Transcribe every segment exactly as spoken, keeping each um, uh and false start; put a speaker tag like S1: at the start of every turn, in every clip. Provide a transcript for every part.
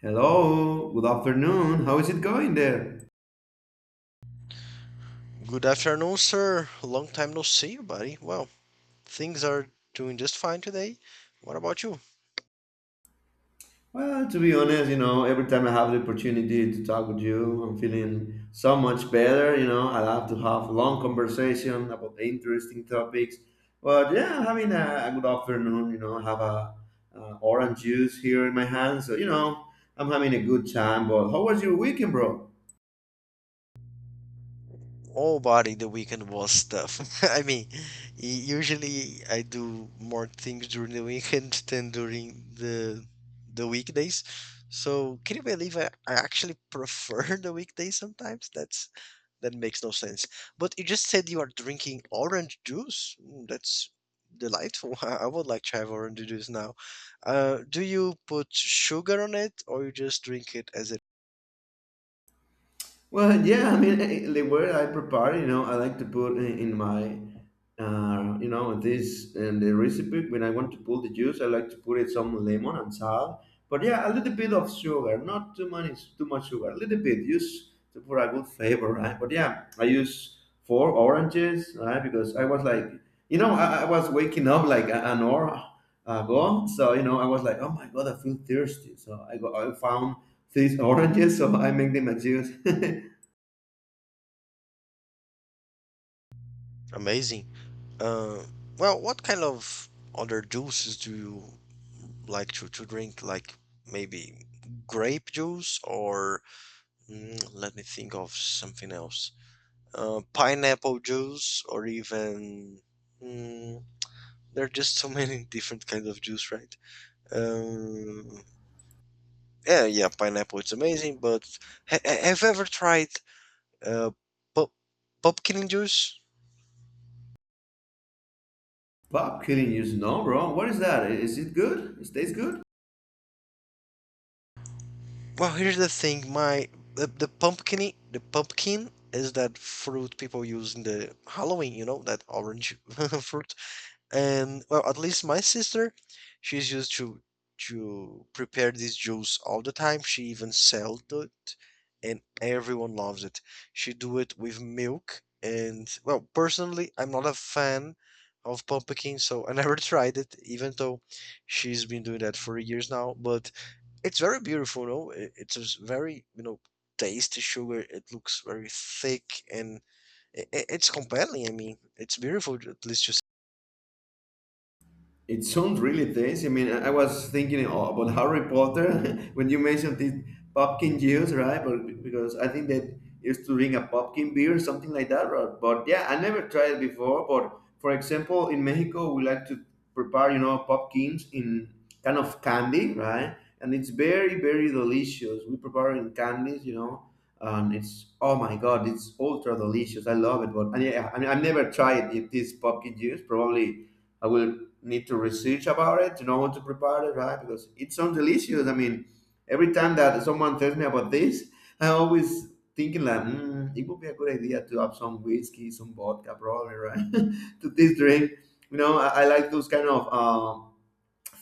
S1: Hello, good afternoon. How is it going there?
S2: Good afternoon, sir. Long time no see you, buddy. Well, things are doing just fine today. What about you?
S1: Well, to be honest, you know, every time I have the opportunity to talk with you, I'm feeling so much better. You know, I love to have long conversation about interesting topics. But yeah, I'm having a, a good afternoon. You know, I have a, uh orange juice here in my hand, so you know, I'm having a good time. But how was your weekend, bro?
S2: Oh, buddy, the weekend was tough. I mean, y- usually I do more things during the weekend than during the the weekdays. So, can you believe I, I actually prefer the weekdays sometimes? That's that makes no sense. But you just said you are drinking orange juice. Mm, that's delightful. I would like to have orange juice now. Uh, do you put sugar on it or you just drink it as it?
S1: Well, yeah, I mean, eh, eh, the way I prepare, you know, I like to put in, in my, uh, you know, this and the recipe. When I want to pull the juice, I like to put it some lemon and salt. But yeah, a little bit of sugar, not too much, too much sugar, a little bit, just to for a good flavor, right? But yeah, I use four oranges, right? Because I was like, you know, I, I was waking up like a- an hour ago, so you know, I was like, oh my god, I feel thirsty. So I go, I found these oranges, so I make them a juice.
S2: Amazing. Uh, well, what kind of other juices do you like to, to drink? Like maybe grape juice or mm, let me think of something else. Uh, pineapple juice or even there are just so many different kinds of juice, right? Um, yeah, yeah, pineapple it's amazing, but ha- ha- have you ever tried uh, pu- pumpkin juice?
S1: Pop killing juice? No, bro. What is that? Is it good? It tastes good?
S2: Well, here's the thing, my the, the pumpkin the pumpkin is that fruit people use in the Halloween, you know, that orange fruit. And well, at least my sister, she's used to to prepare this juice all the time. She even sells it, and everyone loves it. She do it with milk and, well, personally I'm not a fan of pumpkin, so I never tried it, even though she's been doing that for years now. But it's very beautiful. No I- It's a s- very, you know, tasty sugar. It looks very thick and i- i- it's compelling. I mean, it's beautiful, at least to
S1: It sounds really tasty. I mean, I I was thinking a- about Harry Potter when you mentioned this pumpkin juice, right? But because I think that used to drink a pumpkin beer, something like that. Right? But yeah, I never tried it before. But for example, in Mexico, we like to prepare, you know, pumpkins in kind of candy, right? And it's very, very delicious. We prepare in candies, you know, and it's oh my god, it's ultra delicious. I love it. But and yeah, I mean, I've never tried it, this pumpkin juice. Probably I will need to research about it to know how to prepare it, right? Because it sounds delicious. I mean, every time that someone tells me about this, I always thinking like, mm, it would be a good idea to have some whiskey, some vodka, probably, right, to this drink. You know, I, I like those kind of. Um,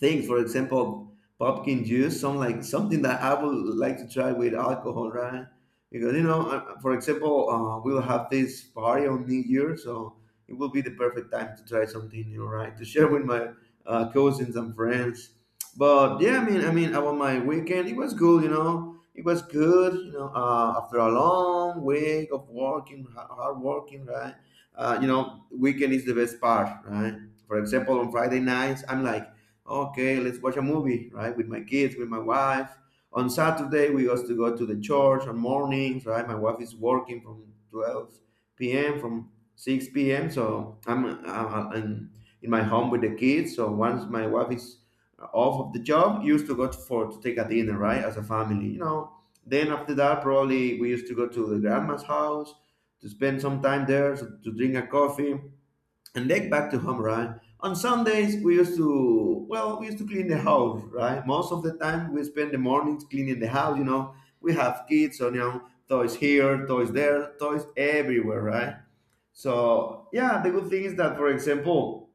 S1: Things. For example, pumpkin juice, some like something that I would like to try with alcohol, right? Because you know, uh, for example, uh, we'll have this party on New Year, so it will be the perfect time to try something new, right? To share with my uh, cousins and friends. But yeah, I mean, I mean, about my weekend, it was good, you know. It was good, you know. Uh, after a long week of working, ha- hard working, right? Uh, you know, weekend is the best part, right? For example, on Friday nights, I'm like, okay, let's watch a movie, right? With my kids, with my wife. On Saturday, we used to go to the church on mornings, right? My wife is working from twelve p m from six p m. So I'm uh, in, in my home with the kids. So once my wife is off of the job, used to go to, for to take a dinner, right? As a family, you know. Then after that, probably we used to go to the grandma's house to spend some time there so, to drink a coffee and then back to home, right? On Sundays, we used to, well, we used to clean the house, right? Most of the time, we spend the mornings cleaning the house, you know. We have kids, so, you know, toys here, toys there, toys everywhere, right? So, yeah, the good thing is that, for example,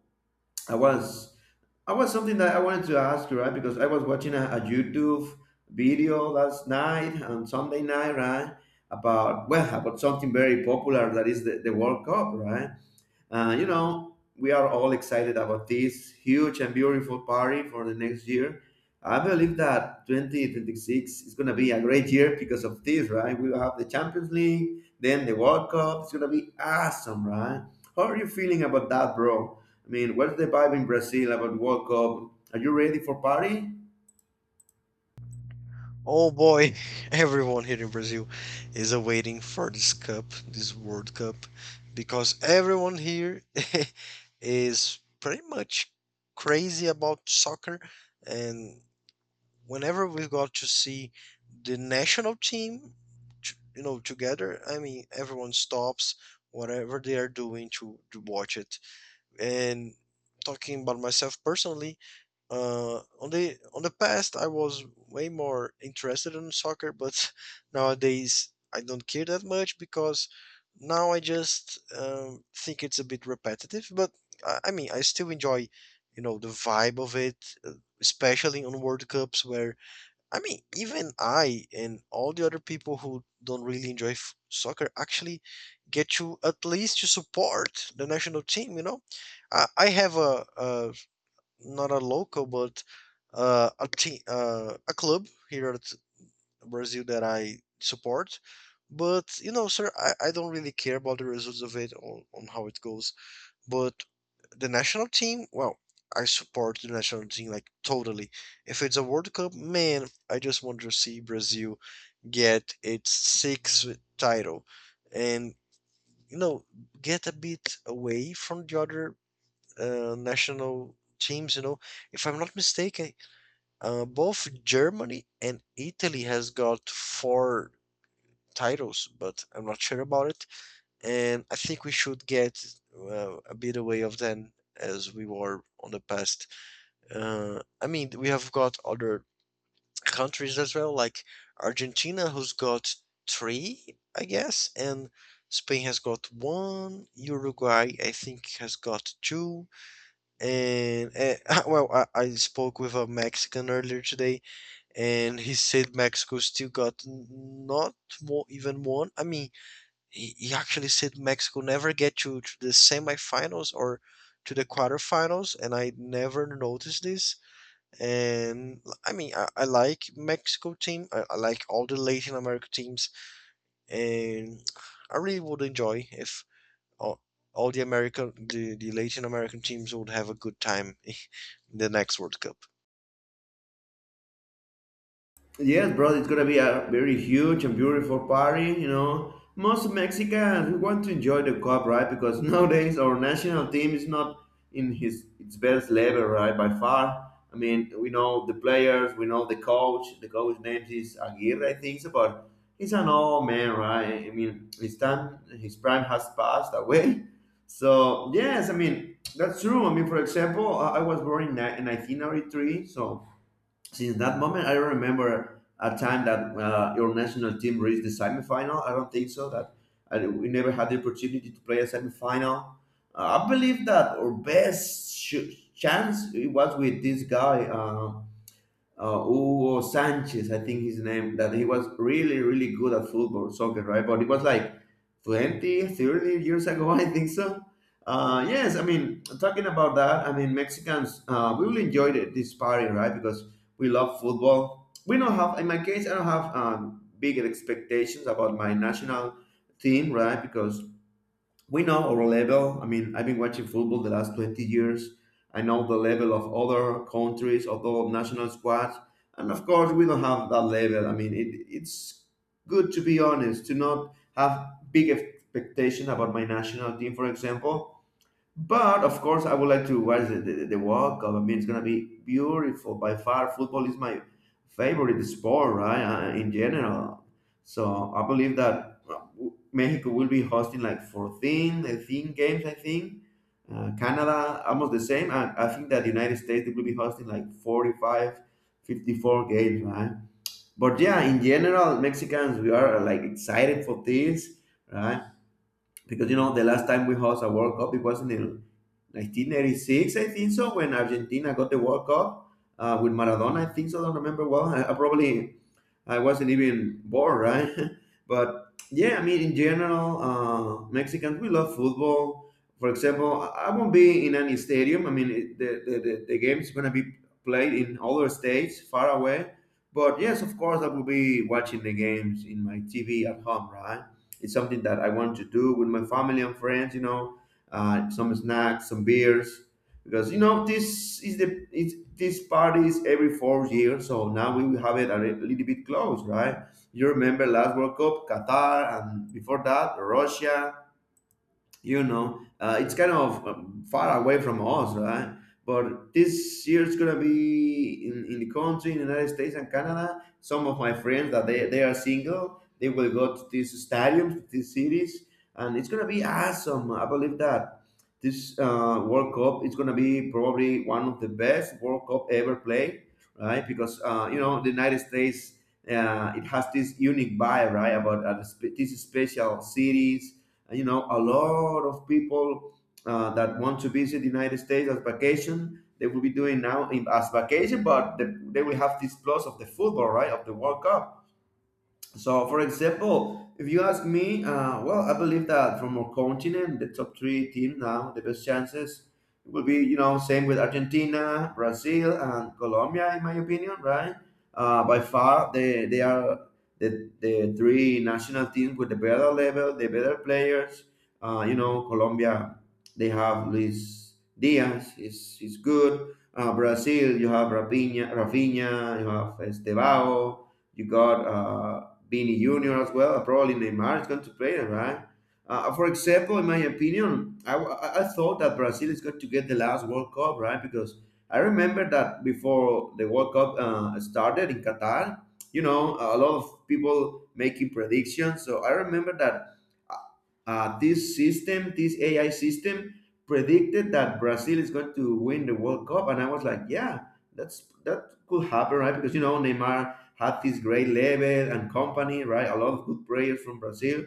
S1: I was, I was something that I wanted to ask you, right? Because I was watching a, a YouTube video last night, on Sunday night, right? About, well, about something very popular that is the, the World Cup, right? Uh, you know, we are all excited about this huge and beautiful party for the next year. I believe that twenty twenty-six is going to be a great year because of this, right? We'll have the Champions League, then the World Cup. It's going to be awesome, right? How are you feeling about that, bro? I mean, what's the vibe in Brazil about World Cup? Are you ready for party?
S2: oh boy, everyone here in Brazil is awaiting for this cup, this World Cup, because everyone here is pretty much crazy about soccer. And whenever we've got to see the national team, t- you know, together, I mean, everyone stops whatever they are doing to, to watch it. And talking about myself personally, uh, on the on the past I was way more interested in soccer, but nowadays I don't care that much because now I just um, think it's a bit repetitive. But I, I mean, I still enjoy, you know, the vibe of it, uh, especially on World Cups where I mean, even I and all the other people who don't really enjoy f- soccer actually get to at least to support the national team. You know, I, I have a, a not a local but uh, a team, uh, a club here at Brazil that I support. But you know, sir, I, I don't really care about the results of it on, on how it goes. But the national team, well, I support the national team like totally. If it's a World Cup, man, I just want to see Brazil get its sixth title and, you know, get a bit away from the other uh, national teams. You know, if I'm not mistaken, uh, both Germany and Italy has got four titles, but I'm not sure about it. And I think we should get uh, a bit away of them as we were on the past. uh, I mean, we have got other countries as well, like Argentina, who's got three, I guess, and Spain has got one. Uruguay, I think, has got two. And uh, well, I, I spoke with a Mexican earlier today, and he said Mexico still got n- not more, even one. I mean, he, he actually said Mexico never get to, to the semifinals or to the quarterfinals, and I never noticed this. And I mean, I, I like Mexico team. I, I like all the Latin America teams, and I really would enjoy if all, all the American, the, the Latin American teams would have a good time in the next World Cup.
S1: Yes, bro, it's gonna be a very huge and beautiful party. You know, most Mexicans we want to enjoy the cup, right? Because nowadays our national team is not in his its best level, right? By far. I mean, we know the players, we know the coach. The coach's name is Aguirre, I think, so, but he's an old man, right? I mean, his time, his prime has passed away. So yes, I mean that's true. I mean, for example, I I was born in ni- in nineteen ninety-three, so since that moment, I don't remember a time that uh, your national team reached the semifinal. I don't think so. That I, we never had the opportunity to play a semifinal. Uh, I believe that our best sh- chance it was with this guy. Uh, uh, Hugo Sanchez, I think his name, that he was really, really good at football, soccer, right? But it was like twenty, thirty years ago, I think so. Uh, yes, I mean, talking about that, I mean, Mexicans, uh, we really enjoyed it, this party, right? Because we love football. We don't have, in my case, I don't have um, big expectations about my national team, right? Because we know our level. I mean, I've been watching football the last twenty years. I know the level of other countries, other national squads. And of course, we don't have that level. I mean, it, it's good to be honest, to not have big expectation about my national team, for example. But of course, I would like to watch the, the, the World Cup. I mean, it's gonna be beautiful by far. Football is my favorite sport, right? Uh, in general, so I believe that uh, w- Mexico will be hosting like fourteen, eighteen games, I think. Uh, Canada, almost the same, and I think that the United States they will be hosting like forty-five, fifty-four games, right? But yeah, in general, Mexicans we are uh, like excited for this, right? Because you know, the last time we hosted a World Cup, it wasn't in nineteen eighty-six, I think so, when Argentina got the World Cup uh, with Maradona. I think so. I don't remember well. I, I probably I wasn't even born, right? But yeah, I mean, in general, uh, Mexicans, we love football. For example, I I won't be in any stadium. I mean, it, the, the, the, the game's going to be played in other states far away. But yes, of course, I will be watching the games in my T V at home, right? It's something that I want to do with my family and friends, you know, uh, some snacks, some beers because you know this is the it's, this party is every four years, so now we have it a li- little bit close, right? You remember last World Cup Qatar, and before that Russia, you know, uh, it's kind of um, far away from us, right? But this year it's gonna be in, in the country, in the United States and Canada. Some of my friends that they, they are single, they will go to these stadiums, these cities, and it's gonna be awesome. I believe that this uh, World Cup is gonna be probably one of the best world cup ever played, right? Because uh, you know the United States, uh, it has this unique vibe, right? About uh, the spe- these special cities. Uh, you know, a lot of people uh, that want to visit the United States as vacation. They will be doing now in, as vacation, but the, they will have this plus of the football, right? Of the World Cup. So, for example, if you ask me, uh, well, I believe that from our continent, the top three team now, the best chances will be, you know, same with Argentina, Brazil, and Colombia, in my opinion, right? Uh, by far, they, they are the, the three national teams with the better level, the better players. Uh, you know, Colombia, they have Luis Diaz, is is good. Uh, Brazil, you have Rafinha, Rafinha, you have Estevao, you got. Uh, be in union as well, probably Neymar is going to play, right? Uh, for example, in my opinion, I, I I thought that Brazil is going to get the last World Cup, right? Because I remember that before the World Cup uh, started in Qatar, you know, a lot of people making predictions. So I remember that uh, this system, this A I system, predicted that Brazil is going to win the World Cup, and I was like, yeah, that's that could happen, right? Because you know Neymar had this great level and company, right? A lot of good players from Brazil.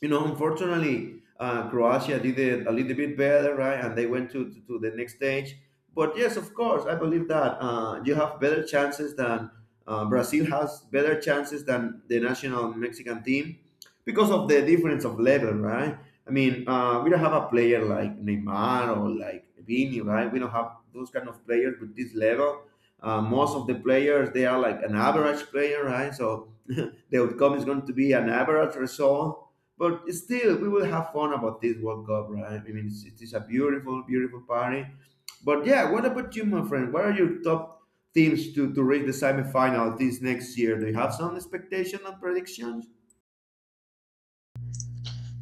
S1: you know, unfortunately, uh, Croatia did it a little bit better, right? And they went to, to, to the next stage. But yes, of course, I believe that uh, you have better chances than uh, Brazil has better chances than the national Mexican team because of the difference of level, right? I mean, uh, we don't have a player like Neymar or like Vini, right? We don't have those kind of players with this level. Uh, most of the players, they are like an average player, right? So the outcome is going to be an average result, but still, we will have fun about this World Cup, right? I mean, it's, it is a beautiful, beautiful party. But yeah, what about you, my friend? What are your top teams to, to reach the semifinal this next year? Do you have some expectation and predictions?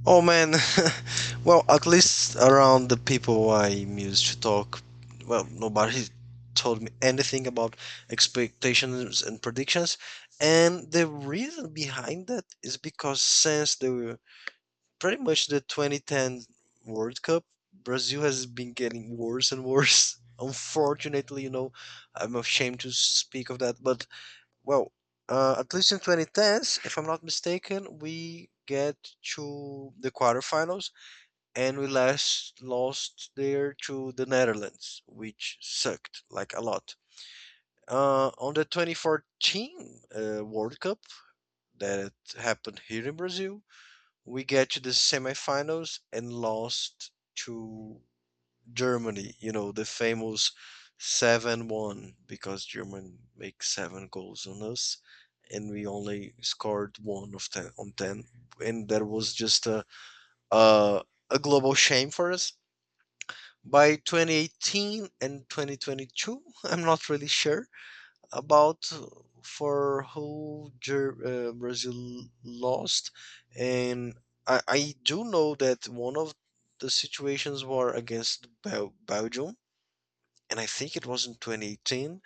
S2: Oh man, well, at least around the people I used to talk, well, nobody told me anything about expectations and predictions. And the reason behind that is because since the pretty much the twenty ten World Cup, Brazil has been getting worse and worse. Unfortunately, you know, I'm ashamed to speak of that, but well, uh, at least in twenty tens, if I'm not mistaken, we get to the quarterfinals and we last lost there to the Netherlands, which sucked like a lot. Uh, on the twenty fourteen uh, World Cup that happened here in Brazil, we get to the semifinals and lost to Germany, you know, the famous seven one, because Germany make seven goals on us and we only scored one of ten on ten. And that was just a a, a global shame for us. By twenty eighteen and twenty twenty-two, I'm not really sure about for who Ger- uh, Brazil lost, and I, I do know that one of the situations were against Bel- Belgium, and I think it was in twenty eighteen,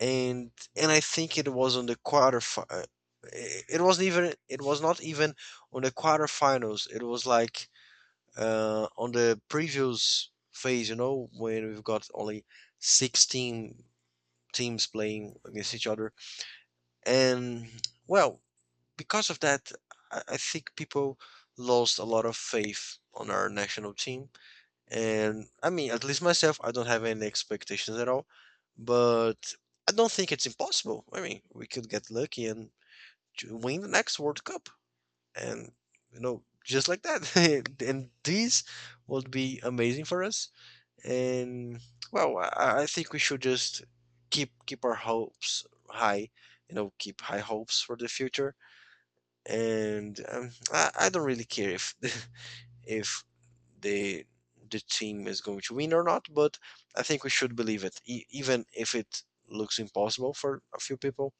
S2: and and I think it was on the quarter. Fi- it wasn't even, it was not even on the quarterfinals. It was like uh, on the previous phase, you know, when we've got only sixteen teams playing against each other. And well, because of that, I, I think people lost a lot of faith on our national team. And I mean, at least myself, I don't have any expectations at all. But I don't think it's impossible. I mean, we could get lucky and j- win the next World Cup. And, you know, just like that. And this would be amazing for us. And well, I, I think we should just keep keep our hopes high, you know, keep high hopes for the future. And um, I, I don't really care if if the the team is going to win or not, but I think we should believe it, e- even if it looks impossible for a few people.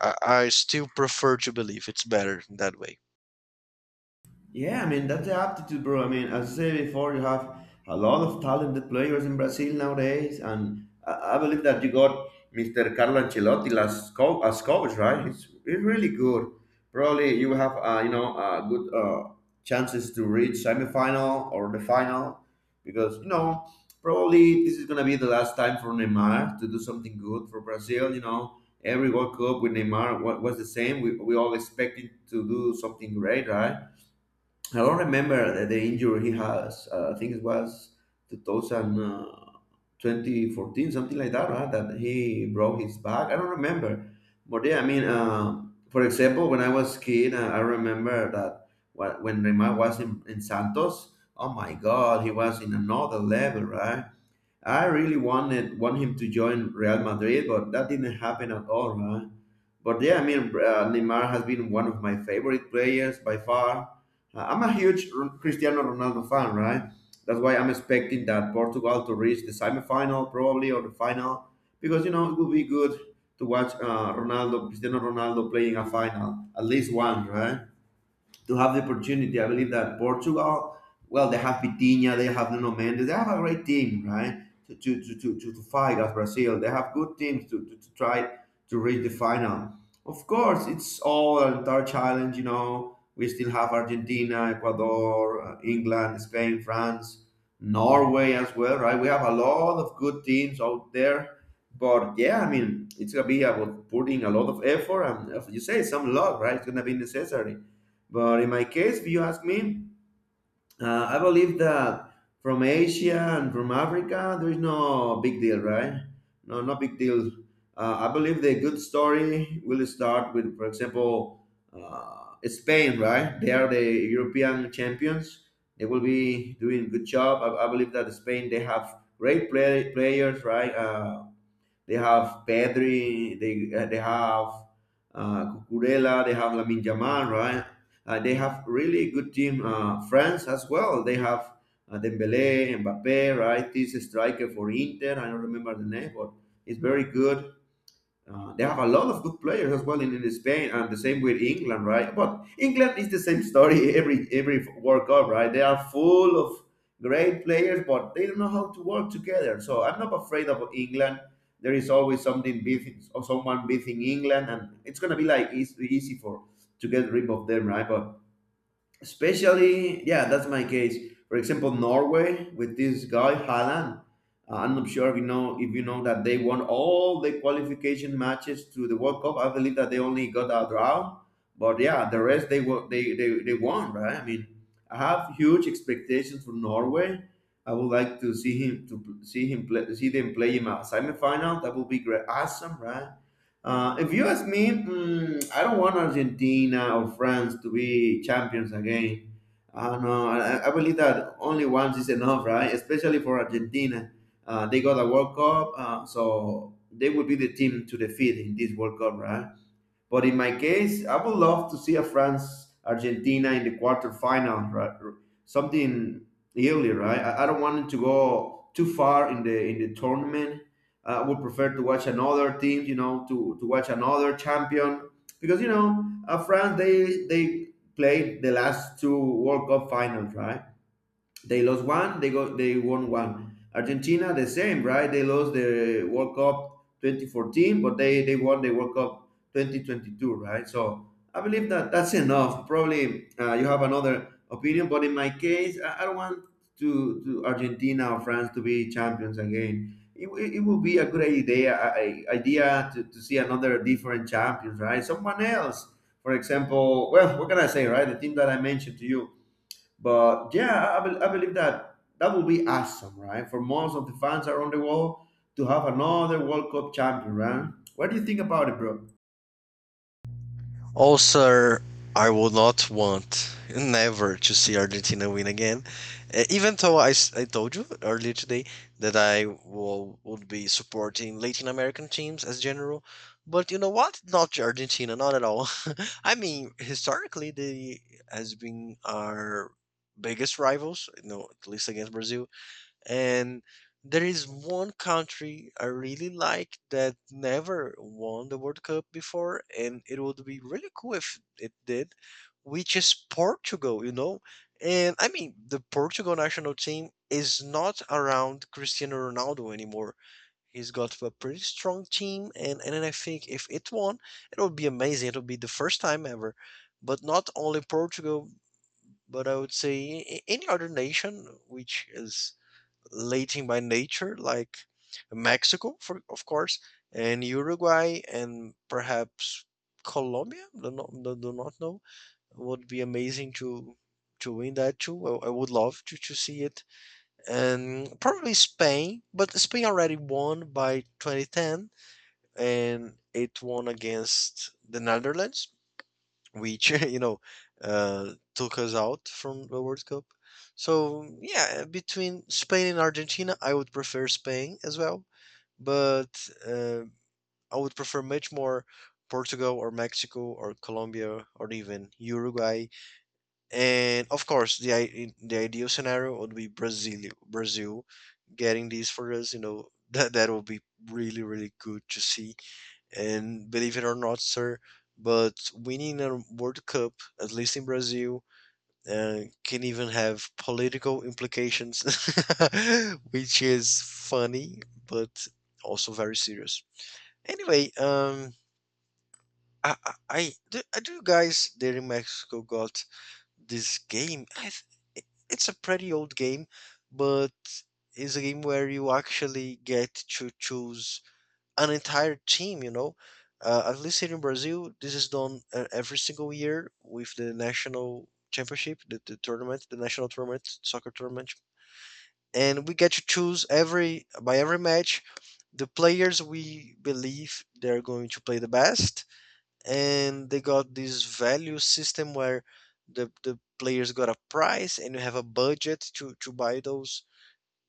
S2: I, I still prefer to believe it's better that way.
S1: Yeah, I mean that's the aptitude, bro. I mean, as I said before, you have a lot of talented players in Brazil nowadays, and I, I believe that you got Mister Carlo Ancelotti as coach, as coach, right? He's, he's really good. Probably you have, uh, you know, uh, good uh, chances to reach semifinal or the final, because you know probably this is gonna be the last time for Neymar to do something good for Brazil. You know, every World Cup with Neymar wa- was the same. We we all expected to do something great, right? I don't remember the, the injury he has. Uh, I think it was two thousand, uh, twenty fourteen, something like that, right? That he broke his back. I don't remember. But yeah, I mean, uh, for example, when I was kid, uh, I remember that wh- when Neymar was in, in Santos, oh my God, he was in another level, right? I really wanted want him to join Real Madrid, but that didn't happen at all, right? But yeah, I mean, uh, Neymar has been one of my favorite players by far. Uh, I'm a huge R- Cristiano Ronaldo fan, right? That's why I'm expecting that Portugal to reach the semifinal probably or the final, because you know it would be good to watch uh, Ronaldo, Cristiano Ronaldo playing a final, at least one, right, to have the opportunity. I believe that Portugal, well, they have Vitinha, they have Nuno Mendes, they have a great team, right? To to to to, to, to fight as Brazil, they have good teams to, to, to try to reach the final. Of course, it's all an entire challenge, you know. We still have Argentina, Ecuador, uh, England, Spain, France, Norway as well, right? We have a lot of good teams out there. But yeah, I mean, it's gonna be about putting a lot of effort and, as you say, some luck, right? It's gonna be necessary. But in my case, if you ask me, uh, I believe that from Asia and from Africa, there is no big deal, right? No, no big deal. Uh, I believe the good story will start with, for example, uh, Spain, right? They are the European champions. They will be doing good job. I, I believe that Spain they have great play, players, right? Uh, they have Pedri. They uh, they have uh, Cucurella. They have Lamine Yamal, right? Uh, they have really good team. Uh, France as well. They have uh, Dembele, Mbappe, right? This striker for Inter. I don't remember the name, but it's very good. Uh, they have a lot of good players as well in, in Spain, and the same with England, right? But England is the same story every every World Cup, right? They are full of great players, but they don't know how to work together. So I'm not afraid of England. There is always something beating or someone beating England, and it's gonna be like eas- easy for to get rid of them, right? But especially yeah that's my case, for example, Norway with this guy Haaland. Uh, I'm not sure if you know if you know that they won all the qualification matches to the World Cup. I believe that they only got a draw, but yeah the rest they won, they, they, they won, right? I mean, I have huge expectations for Norway. I would like to see him to pl- see him play, see them play in a semifinal. That would be great, awesome, right? Uh, if you ask me, mm, I don't want Argentina or France to be champions again. Uh, no, I do I, I believe that only once is enough, right? Especially for Argentina. Uh, they got a World Cup, uh, so they would be the team to defeat in this World Cup, right? But in my case, I would love to see a France Argentina in the quarterfinal, right? Something earlier, right? I, I don't want it to go too far in the in the tournament. I would prefer to watch another team, you know, to, to watch another champion, because you know uh, France they they played the last two World Cup finals, right? They lost one. They got they won one. Argentina the same, right? They lost the World Cup twenty fourteen, but they they won the World Cup twenty twenty-two, right? So I believe that that's enough. Probably uh, you have another opinion, but in my case, I, I don't want to to Argentina or France to be champions again. It, it, it would be a good idea I- I- idea to, to see another different champions, right? Someone else, for example. Well, what can I say, right? The team that I mentioned to you. But yeah, I, bel I believe that that would be awesome, right? For most of the fans around the world to have another World Cup champion, right? What do you think about it, bro?
S2: Also, I would not want never to see Argentina win again. Uh, even though I, s- I told you earlier today that I will, would be supporting Latin American teams as general, but you know what? Not Argentina, not at all. I mean, historically, they has been our biggest rivals. You know, at least against Brazil. And there is one country I really like that never won the World Cup before, and it would be really cool if it did, which is Portugal, you know? And I mean, the Portugal national team is not around Cristiano Ronaldo anymore. He's got a pretty strong team, and, and then I think if it won, it would be amazing. It would be the first time ever. But not only Portugal, but I would say a- any other nation, which is Latin by nature, like Mexico, for, of course, and Uruguay, and perhaps Colombia. Do not, do do not know. Would be amazing to to win that too. I, I would love to to see it, and probably Spain. But Spain already won by twenty ten, and it won against the Netherlands, which you know, uh, took us out from the World Cup. So mm, yeah, between Spain and Argentina, I would prefer Spain as well, but uh, I would prefer much more Portugal or Mexico or Colombia or even Uruguay. And of course, the i- the ideal scenario would be Brazil, Brazil getting these for us. You know, that that would be really, really good to see. And believe it or not, sir, but winning a World Cup, at least in Brazil, uh, can even have political implications, which is funny but also very serious. Anyway, um, I, I, I do, I do you guys there in Mexico got this game, I th- it's a pretty old game, but it's a game where you actually get to choose an entire team, you know? Uh, at least here in Brazil, this is done uh, every single year with the national championship, the, the tournament, the national tournament, soccer tournament. And we get to choose every by every match the players we believe they're going to play the best. And they got this value system where the the players got a price and you have a budget to to buy those.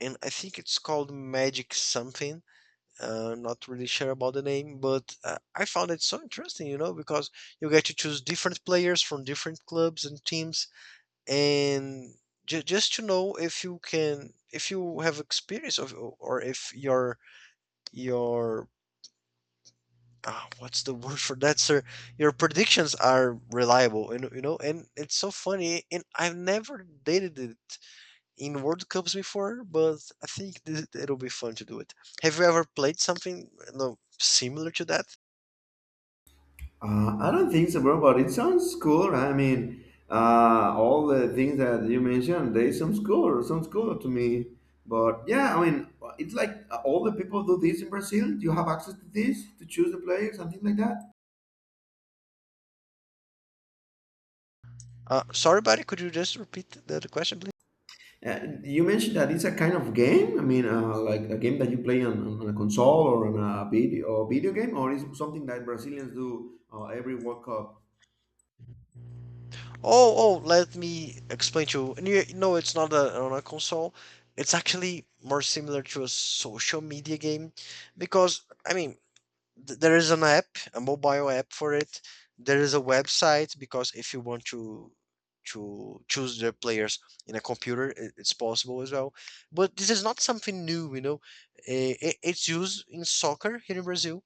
S2: And I think it's called magic something. Uh, not really sure about the name, but uh, I found it so interesting, you know, because you get to choose different players from different clubs and teams. And ju- just to know if you can, if you have experience of, or if your your ah, what's the word for that, sir? Your predictions are reliable, and you know, and it's so funny. And I've never dated it in World Cups before, but I think th- it'll be fun to do it. Have you ever played something no similar to that?
S1: Uh, I don't think so, bro, but it sounds cool, right? I mean, uh, all the things that you mentioned, they sounds cool, sounds cool to me. But yeah, I mean, it's like uh, all the people do this in Brazil. Do you have access to this to choose the players and things like that?
S2: Uh, sorry, buddy, could you just repeat the, the question, please?
S1: Uh, you mentioned that it's a kind of game. I mean, uh, like a game that you play on, on a console or on a video or video game, or is it something that Brazilians do uh, every World Cup?
S2: Oh, oh, let me explain to you. And you, no, it's not a, on a console. It's actually more similar to a social media game because I mean, th- there is an app, a mobile app for it. There is a website because if you want to to choose the players in a computer, i- it's possible as well. But this is not something new, you know. Eh, i- It's used in soccer here in Brazil,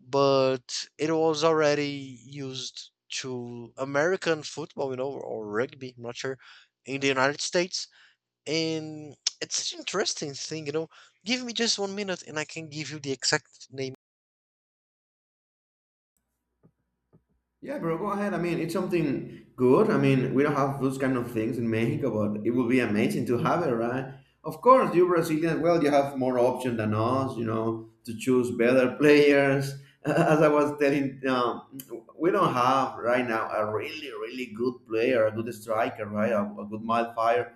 S2: but it was already used to American football, you know, or rugby. I'm not sure in the United States, and it's such an interesting thing, you know. Give me just one minute, and I can give you the exact name.
S1: Yeah, bro, go ahead. I mean, it's something good. I mean, we don't have those kind of things in Mexico, but it would be amazing to have it, right? Of course, you Brazilians, well, you have more option than us, you know, to choose better players. As I was telling, um, we don't have right now a really, really good player, a good striker, right? A, a good midfielder,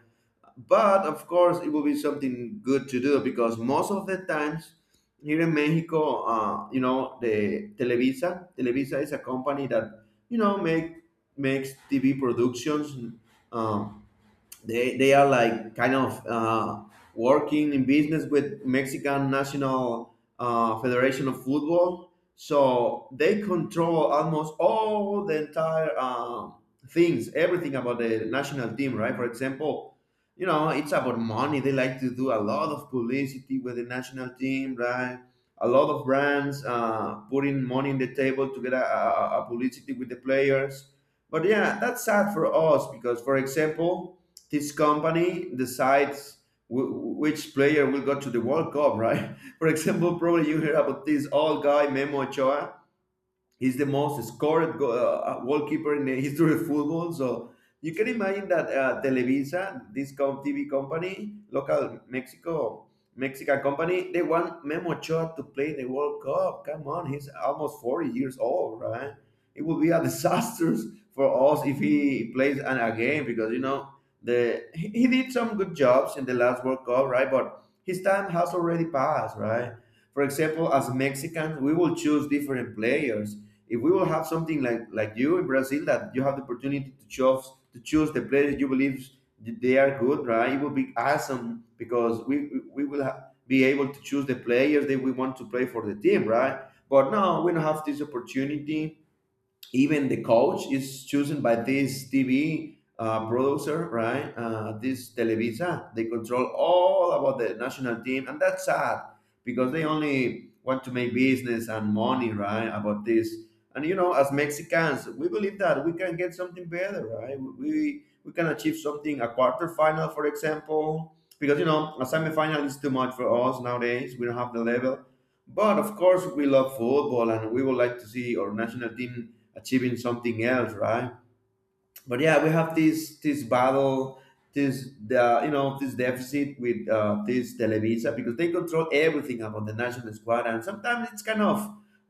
S1: but of course it will be something good to do because most of the times here in Mexico, uh, you know, the Televisa, Televisa is a company that you know make makes T V productions. Um, they they are like kind of uh, working in business with Mexican National uh, Federation of Football. So they control almost all the entire um, things, everything about the national team, right? For example, you know, it's about money. They like to do a lot of publicity with the national team, right? A lot of brands uh, putting money in the table to get a, a, a publicity with the players. But yeah, that's sad for us because, for example, this company decides w- which player will go to the World Cup, right? For example, probably you hear about this old guy Memo Ochoa. He's the most scored go- uh, uh, goalkeeper in the history of football. So you can imagine that uh, Televisa, this com- T V company, local Mexico, Mexican company, they want Memo Ochoa to play in the World Cup. Come on, he's almost forty years old, right? It will be a disaster for us if he plays an, a game because, you know, the he, he did some good jobs in the last World Cup, right? But his time has already passed, right? For example, as Mexicans, we will choose different players if we will have something like like you in Brazil that you have the opportunity to choose to choose the players you believe they are good, right? It will be awesome because we we will ha- be able to choose the players that we want to play for the team, right? But now we don't have this opportunity, even the coach is chosen by this T V uh, producer, right? Uh, this Televisa, they control all about the national team, and that's sad because they only want to make business and money, right? About this, and you know, as Mexicans, we believe that we can get something better, right? We we can achieve something, a quarterfinal, for example, because you know, a semifinal is too much for us nowadays. We don't have the level. But of course, we love football, and we would like to see our national team achieving something else, right? But yeah, we have this this battle, this the you know this deficit with uh, this Televisa because they control everything about the national squad, and sometimes it's kind of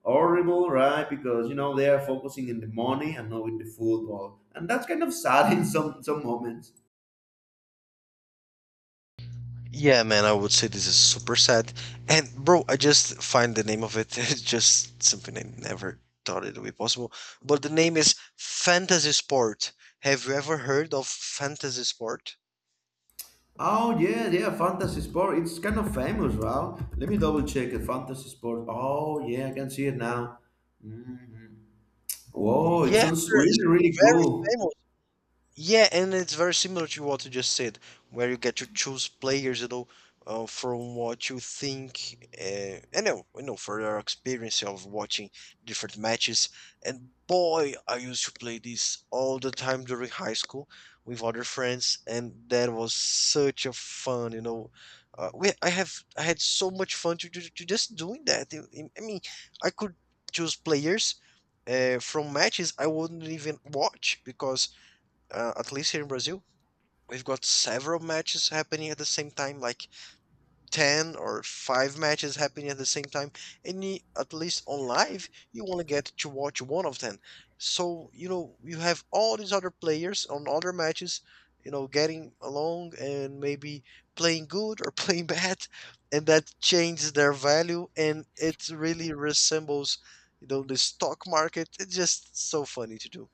S1: horrible, right? Because you know they are focusing in the money and not in the football, and that's kind of sad in some some moments.
S2: Yeah, man, I would say this is super sad. And bro, I just find the name of it. It's just something I never thought it would be possible. But the name is Fantasy Sport. Have you ever heard of Fantasy Sport?
S1: Oh yeah, yeah, fantasy sport. It's kind of famous, right? Let me double check it. Fantasy sport. Oh yeah, I can see it now. Mhm. Whoa, it
S2: Yes,
S1: sounds
S2: sir. It's
S1: really, really
S2: very
S1: cool.
S2: famous. Yeah, and it's very similar to what you just said, where you get to choose players, you know, uh, from what you think, uh, and know, you know, for your experience of watching different matches. And boy, I used to play this all the time during high school with other friends, and that was such a fun, you know. Uh, we, I have, I had so much fun to, to, to just doing that. I I- I mean, I could choose players uh, from matches I wouldn't even watch because uh, at least here in Brazil, we've got several matches happening at the same time, like ten or five matches happening at the same time. And y- at least on live, you only get to watch one of them. So, you know, you have all these other players on other matches, you know, getting along and maybe playing good or playing bad. And that changes their value. And it really resembles, you know, the stock market. It's just so funny to do.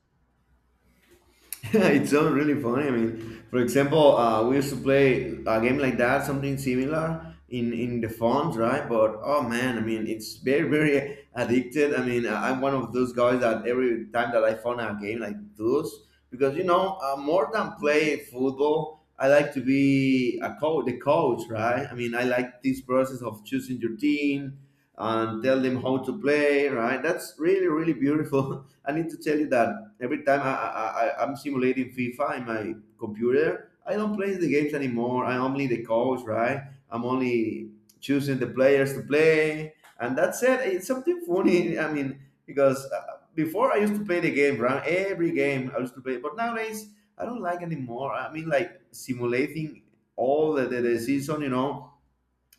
S1: It sounds really funny. I mean, for example, uh, we used to play a game like that, something similar in in the phones, right? But oh man, I mean, it's very very addicted. I mean, I- I'm one of those guys that every time that I found a game like those, because you know, uh, more than play football, I like to be a coach, the coach, right? I mean, I like this process of choosing your team, and tell them how to play right, that's really really beautiful. I need to tell you that every time I, I, I i'm simulating FIFA in my computer. I don't play the games anymore, I'm only the coach, right? I'm only choosing the players to play, and that's it. It's something funny, I mean, because uh, before I used to play the game, right, every game I used to play, but nowadays I don't like anymore. I mean, like simulating all the, the, the season, you know,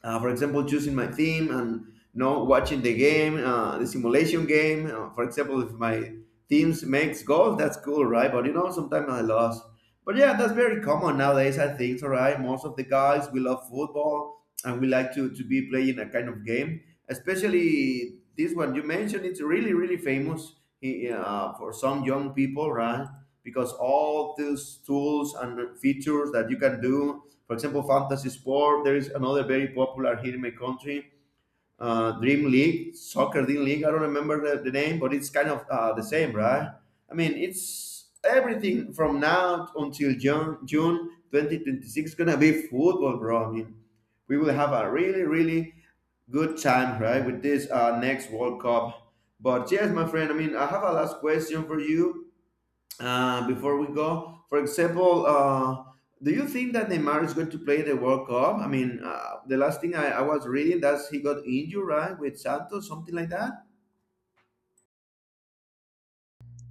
S1: uh, for example, choosing my theme and you know watching the game, uh, the simulation game. Uh, for example, if my teams makes goals, that's cool, right? But you know, sometimes I lost. But yeah, that's very common nowadays, I think, all right. Most of the guys we love football and we like to to be playing a kind of game, especially this one you mentioned. It's really really famous uh, for some young people, right? Because all these tools and features that you can do, for example, fantasy sport. There is another very popular here in my country, uh, Dream League, Soccer Dream League. I don't remember the, the name, but it's kind of uh, the same, right? I mean, it's everything from now until June, June twenty twenty-six gonna be football, bro. I mean, we will have a really, really good time, right, with this uh, next World Cup. But yes, my friend, I mean, I have a last question for you. Uh, before we go, for example, uh, do you think that Neymar is going to play the World Cup? I mean, uh, the last thing I, I was reading that's he got injured, right, with Santos, something like that.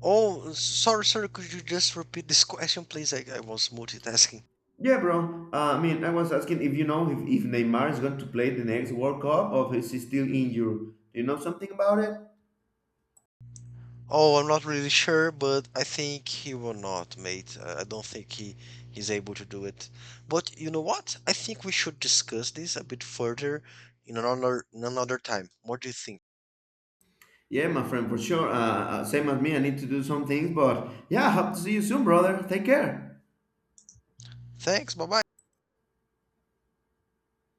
S2: Oh, sorry, sorry. Could you just repeat this question, please? I, I was multitasking.
S1: Yeah, bro. Uh, I mean, I was asking if you know if, if Neymar is going to play the next World Cup or if he's still injured. Do you know something about it?
S2: Oh, I'm not really sure, but I think he will not, mate. Uh, I don't think he he's able to do it. But you know what? I think we should discuss this a bit further in another in another time. What do you think?
S1: Yeah, my friend, for sure. Uh, uh, same as me, I need to do some things, but yeah, hope to see you soon, brother. Take care.
S2: Thanks. Bye bye.